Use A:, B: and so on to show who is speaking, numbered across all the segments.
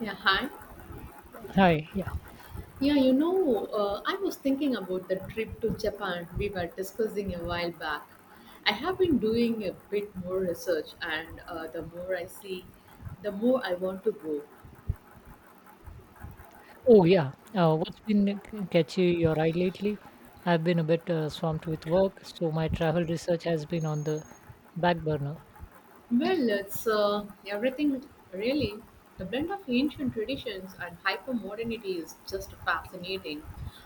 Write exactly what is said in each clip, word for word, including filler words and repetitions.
A: Yeah, hi.
B: Hi. Yeah.
A: Yeah, you know, uh, I was thinking about the trip to Japan we were discussing a while back. I have been doing a bit more research, and uh, the more I see, the more I want to go.
B: Oh, yeah. Uh, what's been c- catching your eye lately? I've been a bit uh, swamped with work, so my travel research has been on the back burner.
A: Well, it's uh, everything really. The blend of ancient traditions and hyper modernity is just fascinating.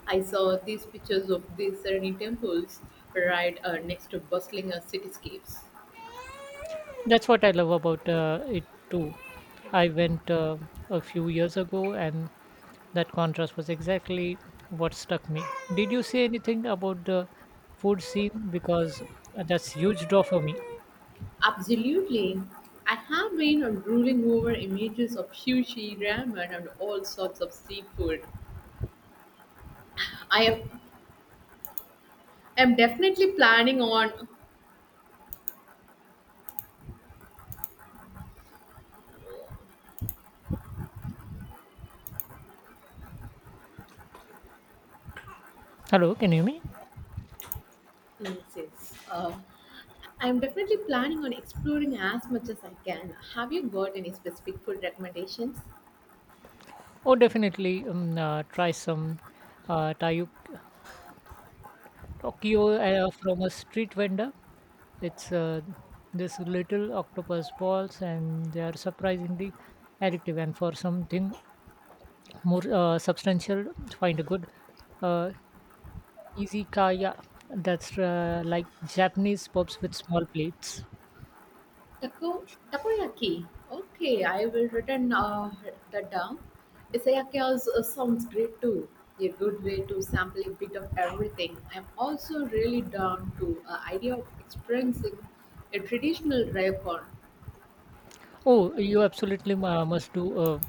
A: I saw these pictures of these serene temples right uh, next to bustling uh, cityscapes.
B: That's what I love about uh, it too. I went uh, a few years ago, and that contrast was exactly what stuck me. Did you say anything about the food scene? Because that's huge draw for me.
A: Absolutely. I have been drooling over images of sushi, ramen, and all sorts of seafood. I am, am definitely planning on.
B: Hello, can you hear me?
A: Yes, yes. Uh, I am definitely planning on exploring as much as I can. Have you got any specific food recommendations?
B: Oh, definitely. Um, uh, try some uh, Thai Tokyo uh, from a street vendor. It's uh, This little octopus balls, and they are surprisingly addictive. And for something more uh, substantial, find a good uh, easy. That's uh, like Japanese pubs with small plates.
A: Taco, takoyaki. Okay, I will written uh, that down. Isayaki also uh, sounds great too. A good way to sample a bit of everything. I'm also really down to uh, idea of experiencing a traditional ryokan.
B: Oh, you absolutely uh, must do. Uh,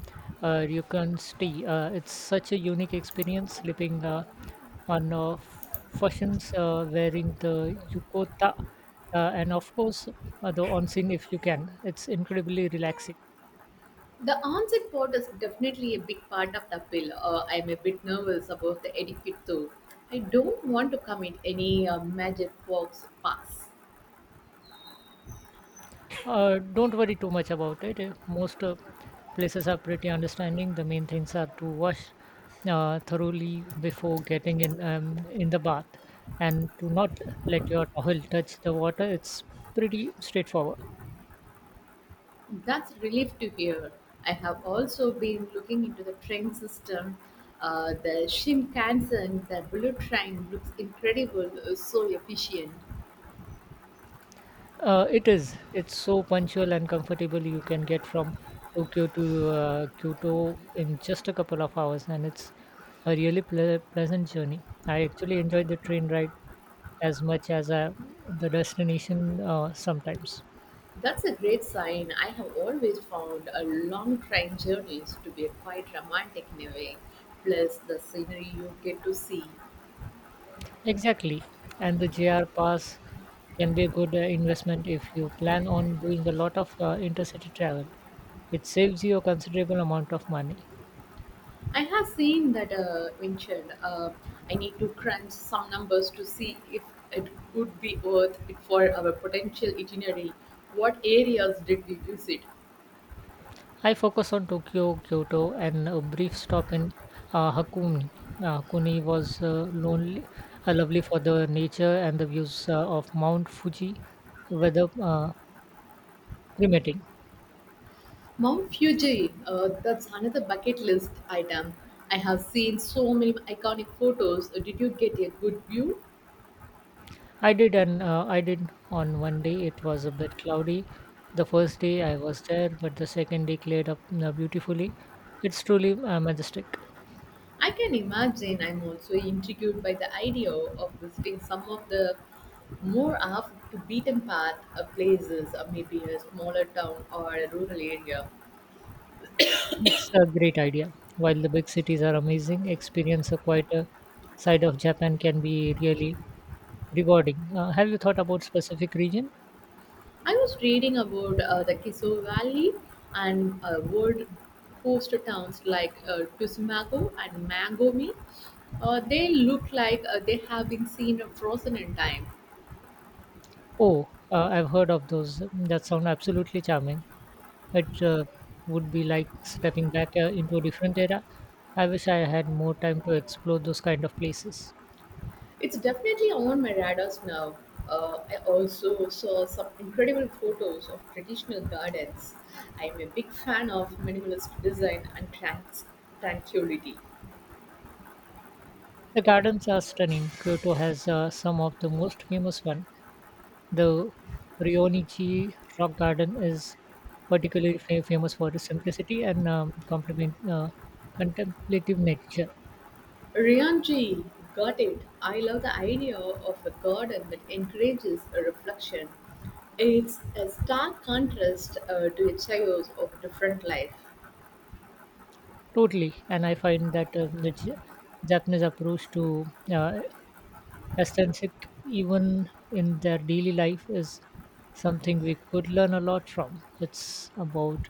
B: uh, You can stay. Uh, it's such a unique experience sleeping uh, on uh, fashions, uh, wearing the yukota, uh, and of course, uh, the onsen if you can. It's incredibly relaxing.
A: The onset part is definitely a big part of the appeal. Uh, I'm a bit nervous about the etiquette though. I don't want to commit any uh, magic fox pass.
B: Uh, don't worry too much about it. Uh, Most uh, places are pretty understanding. The main things are to wash uh, thoroughly before getting in um, in the bath, and to not let your towel touch the water. It's pretty straightforward.
A: That's relief to hear. I have also been looking into the train system. Uh, the Shinkansen, the bullet train looks incredible, uh, so efficient.
B: Uh, it is. It's so punctual and comfortable. You can get from Tokyo to uh, Kyoto in just a couple of hours, and it's a really ple- pleasant journey. I actually enjoyed the train ride as much as uh, the destination uh, sometimes.
A: That's a great sign. I have always found a long train journeys to be quite romantic in a way. Plus, the scenery you get to see.
B: Exactly. And the J R Pass can be a good uh, investment if you plan on doing a lot of uh, intercity travel. It saves you a considerable amount of money.
A: I have seen that uh, mentioned. Uh, I need to crunch some numbers to see if it would be worth it for our potential itinerary. What areas did we visit?
B: I focus on Tokyo, Kyoto, and a brief stop in uh, Hakone. Uh, Hakone was uh, lonely, uh, lovely for the nature and the views uh, of Mount Fuji, weather uh, permitting.
A: Mount Fuji, uh, that's another bucket list item. I have seen so many iconic photos. Uh, Did you get a good view?
B: I did, and uh, I did on one day. It was a bit cloudy. The first day I was there, but the second day cleared up uh, beautifully. It's truly uh, majestic.
A: I can imagine. I'm also intrigued by the idea of visiting some of the more off the beaten path uh, places, or maybe a smaller town or a rural area.
B: It's a great idea. While the big cities are amazing, experience a quieter side of Japan can be really rewarding. Uh, have you thought about specific region?
A: I was reading about uh, the Kiso Valley and uh, world coast towns like uh, Tusumago and Mangomi. Uh, they look like uh, they have been seen frozen in time.
B: Oh, uh, I've heard of those. That sound absolutely charming. It uh, would be like stepping back uh, into a different era. I wish I had more time to explore those kind of places.
A: It's definitely on my radars now. Uh, I also saw some incredible photos of traditional gardens. I'm a big fan of minimalist design and trans- tranquility.
B: The gardens are stunning. Kyoto has uh, some of the most famous one. The Ryonichi Rock Garden is particularly fa- famous for its simplicity and um, complement uh, contemplative nature.
A: Rianji got it. I love the idea of a garden that encourages a reflection. It's a stark contrast uh, to a chaos of a different life.
B: Totally, and I find that um, the J- Japanese approach to uh, aesthetic, even in their daily life, is something we could learn a lot from. It's about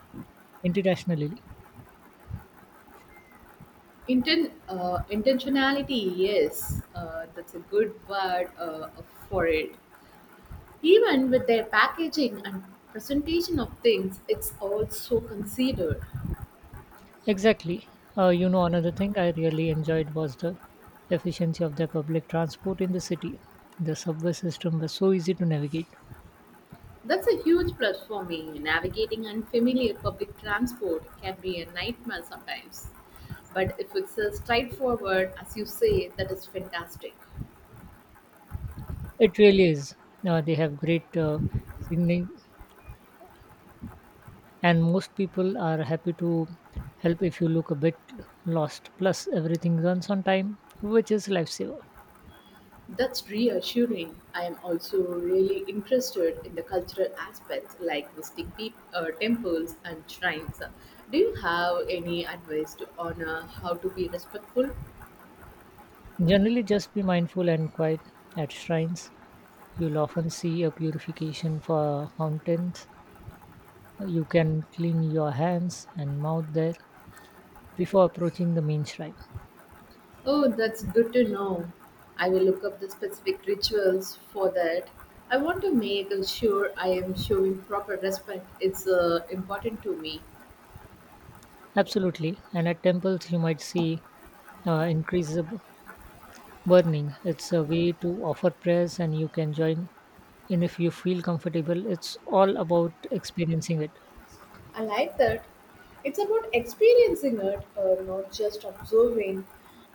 B: internationally.
A: Inten- uh, intentionality, yes, uh, that's a good word uh, for it. Even with their packaging and presentation of things, it's all so considered.
B: Exactly. Uh, you know, another thing I really enjoyed was the efficiency of their public transport in the city. The subway system was so easy to navigate.
A: That's a huge plus for me. Navigating unfamiliar public transport can be a nightmare sometimes. But if it's uh, straightforward, as you say, that is fantastic.
B: It really is. Uh, they have great uh, signaling, and most people are happy to help if you look a bit lost. Plus, everything runs on time, which is lifesaver.
A: That's reassuring. I am also really interested in the cultural aspects like visiting peop- uh, temples and shrines. Do you have any advice to honor how to be respectful?
B: Generally, just be mindful and quiet at shrines. You'll often see a purification for fountains. You can clean your hands and mouth there before approaching the main shrine.
A: Oh, that's good to know. I will look up the specific rituals for that. I want to make sure I am showing proper respect. It's uh, important to me.
B: Absolutely, and at temples you might see uh, increases of burning. It's a way to offer prayers, and you can join in if you feel comfortable. It's all about experiencing it.
A: I like that. It's about experiencing it, uh, not just observing.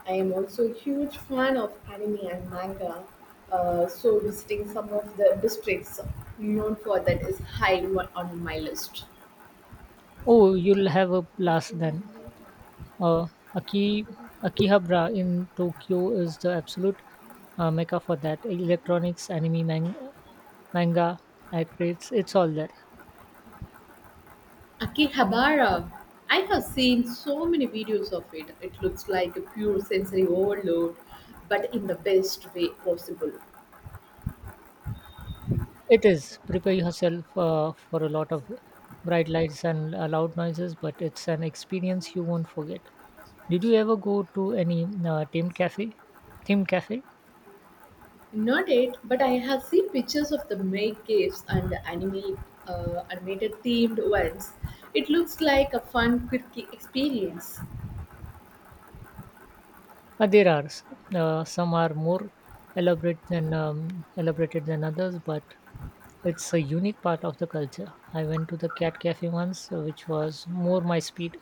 A: I am also a huge fan of anime and manga, uh, so visiting some of the districts known for that is high on on my list.
B: Oh, you'll have a blast then. Uh, Aki, Akihabara in Tokyo is the absolute uh, mecca for that. Electronics, anime, man- manga, acrates, it's all there.
A: Akihabara. I have seen so many videos of it. It looks like a pure sensory overload, but in the best way possible.
B: It is. Prepare yourself uh, for a lot of bright lights and uh, loud noises, but it's an experience you won't forget. Did you ever go to any uh, themed cafe? Themed cafe?
A: Not it, but I have seen pictures of the make caves and the anime, uh, animated themed ones. It looks like a fun, quick experience.
B: Uh, there are. S- Uh, some are more elaborate than um, elaborated than others, but it's a unique part of the culture. I went to the cat cafe once, uh, which was more my speed.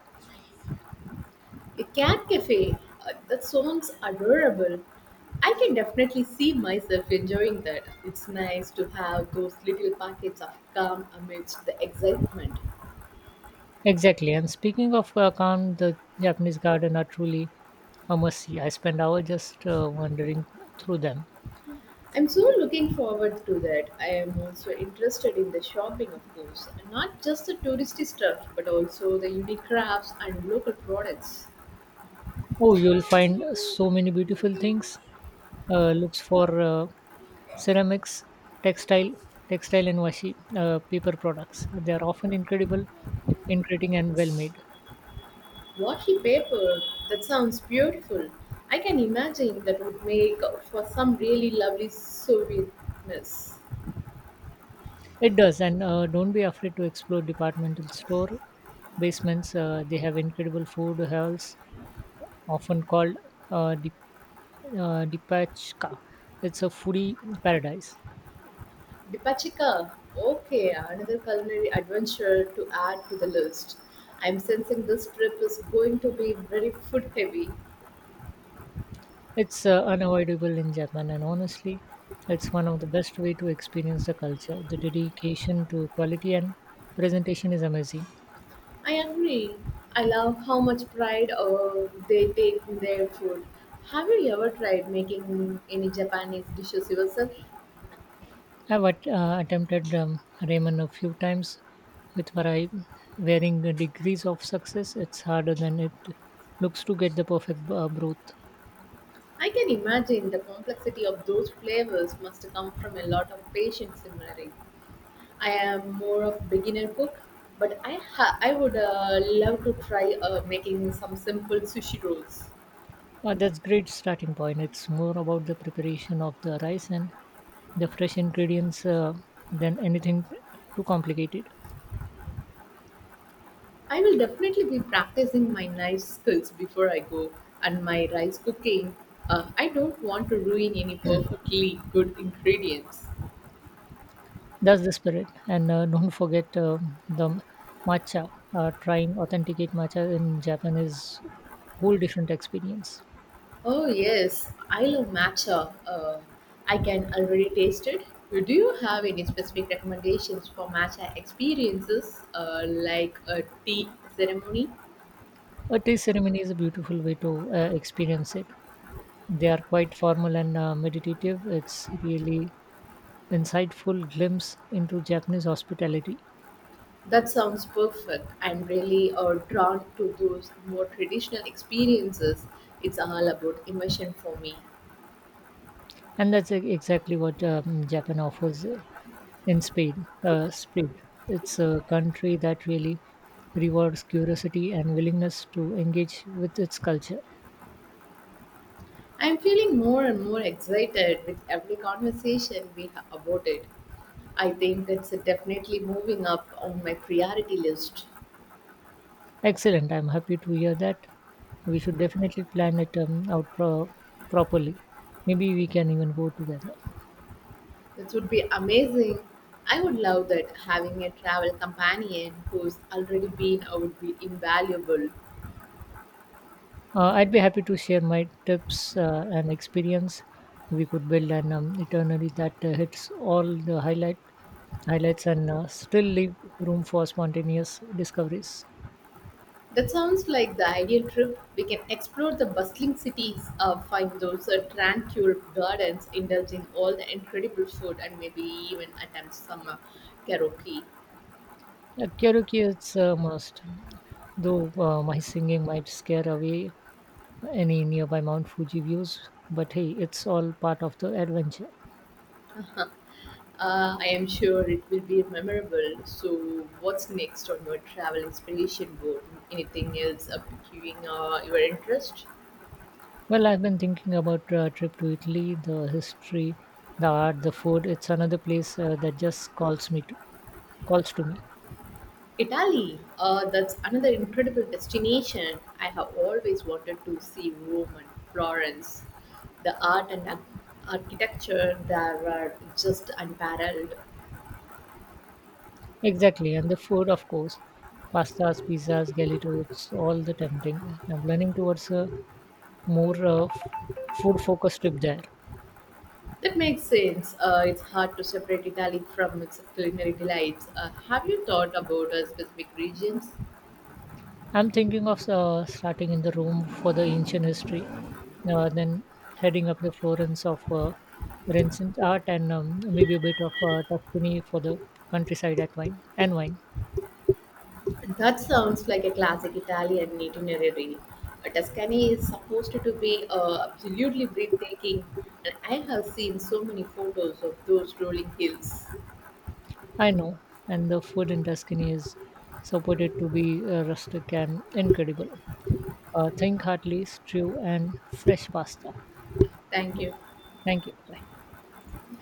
A: A cat cafe. Uh, that sounds adorable. I can definitely see myself enjoying that. It's nice to have those little packets of calm amidst the excitement.
B: Exactly. And speaking of uh, calm, the Japanese garden are truly a mercy. I spend hours just uh, wandering through them.
A: I'm so looking forward to that. I am also interested in the shopping, of course, not just the touristy stuff, but also the unique crafts and local products.
B: Oh, you'll find so many beautiful things. Uh, looks for uh, ceramics, textile, textile and washi, uh, paper products. They are often incredible, intriguing, and well made.
A: Washi paper, that sounds beautiful. I can imagine that would make for some really lovely souvenirs.
B: It does, and uh, don't be afraid to explore departmental store basements. Uh, they have incredible food halls, often called uh, uh, Dipachka. It's a foodie paradise.
A: Dipachika, okay, another culinary adventure to add to the list. I'm sensing this trip is going to be very food heavy.
B: It's uh, unavoidable in Japan, and honestly, it's one of the best way to experience the culture. The dedication to quality and presentation is amazing.
A: I agree. I love how much pride uh, they take in their food. Have you ever tried making any Japanese dishes yourself?
B: I've at- uh, attempted um, ramen a few times with vari- varying degrees of success. It's harder than it looks to get the perfect uh, broth.
A: I can imagine the complexity of those flavors must come from a lot of patience simmering. I am more of beginner cook, but I ha- I would uh, love to try uh, making some simple sushi rolls.
B: Uh, that's great starting point. It's more about the preparation of the rice and the fresh ingredients uh, than anything too complicated.
A: I will definitely be practicing my knife skills before I go and my rice cooking. Uh, I don't want to ruin any perfectly good ingredients.
B: That's the spirit. And uh, don't forget um the matcha. Uh, trying authenticate matcha in Japan is whole different experience.
A: Oh, yes, I love matcha. Uh, I can already taste it. Do you have any specific recommendations for matcha experiences uh, like a tea ceremony?
B: A taste ceremony is a beautiful way to uh, experience it. They are quite formal and uh, meditative. It's really insightful glimpse into Japanese hospitality.
A: That sounds perfect. I'm really uh, drawn to those more traditional experiences. It's all about immersion for me.
B: And that's e- exactly what um, Japan offers uh, in speed. Uh, speed. It's a country that really rewards curiosity and willingness to engage with its culture.
A: I'm feeling more and more excited with every conversation we have about it. I think it's definitely moving up on my priority list.
B: Excellent. I'm happy to hear that. We should definitely plan it um, out pro- properly. Maybe we can even go together.
A: This would be amazing. I would love that having a travel companion who's already been out would be invaluable.
B: Uh, I'd be happy to share my tips uh, and experience. We could build an um, eternally that uh, hits all the highlight highlights and uh, still leave room for spontaneous discoveries.
A: That sounds like the ideal trip. We can explore the bustling cities, uh, find those uh, tranquil gardens, indulge in all the incredible food, and maybe even attempt some uh, karaoke.
B: Yeah, karaoke is a must, though uh, my singing might scare away any nearby Mount Fuji views. But hey, it's all part of the adventure.
A: Uh, I am sure it will be memorable. So, what's next on your travel inspiration board? Anything else up piquing uh, your interest?
B: Well, I've been thinking about a trip to Italy, the history, the art, the food. It's another place uh, that just calls me to, calls to me.
A: Italy. Uh, that's another incredible destination. I have always wanted to see Rome and Florence. The art and ar- architecture there are just unparalleled.
B: Exactly, and the food, of course, pastas, pizzas, gelatos, all the tempting. I'm leaning towards a more uh, food-focused trip there.
A: That makes sense. Uh, it's hard to separate Italy from its culinary delights. Uh, have you thought about uh, specific regions?
B: I'm thinking of uh, starting in the Rome for the ancient history, uh, then heading up the Florence of uh, Renaissance art, and um, maybe a bit of uh, Tuscany for the countryside at wine and wine.
A: That sounds like a classic Italian itinerary. Uh, Tuscany is supposed to be uh, absolutely breathtaking, and I have seen so many photos of those rolling hills.
B: I know, and the food in Tuscany is supported to be uh, rustic and incredible. uh, think heartily, stew, and fresh pasta.
A: Thank
B: Yeah,
A: you.
B: thank you. Bye.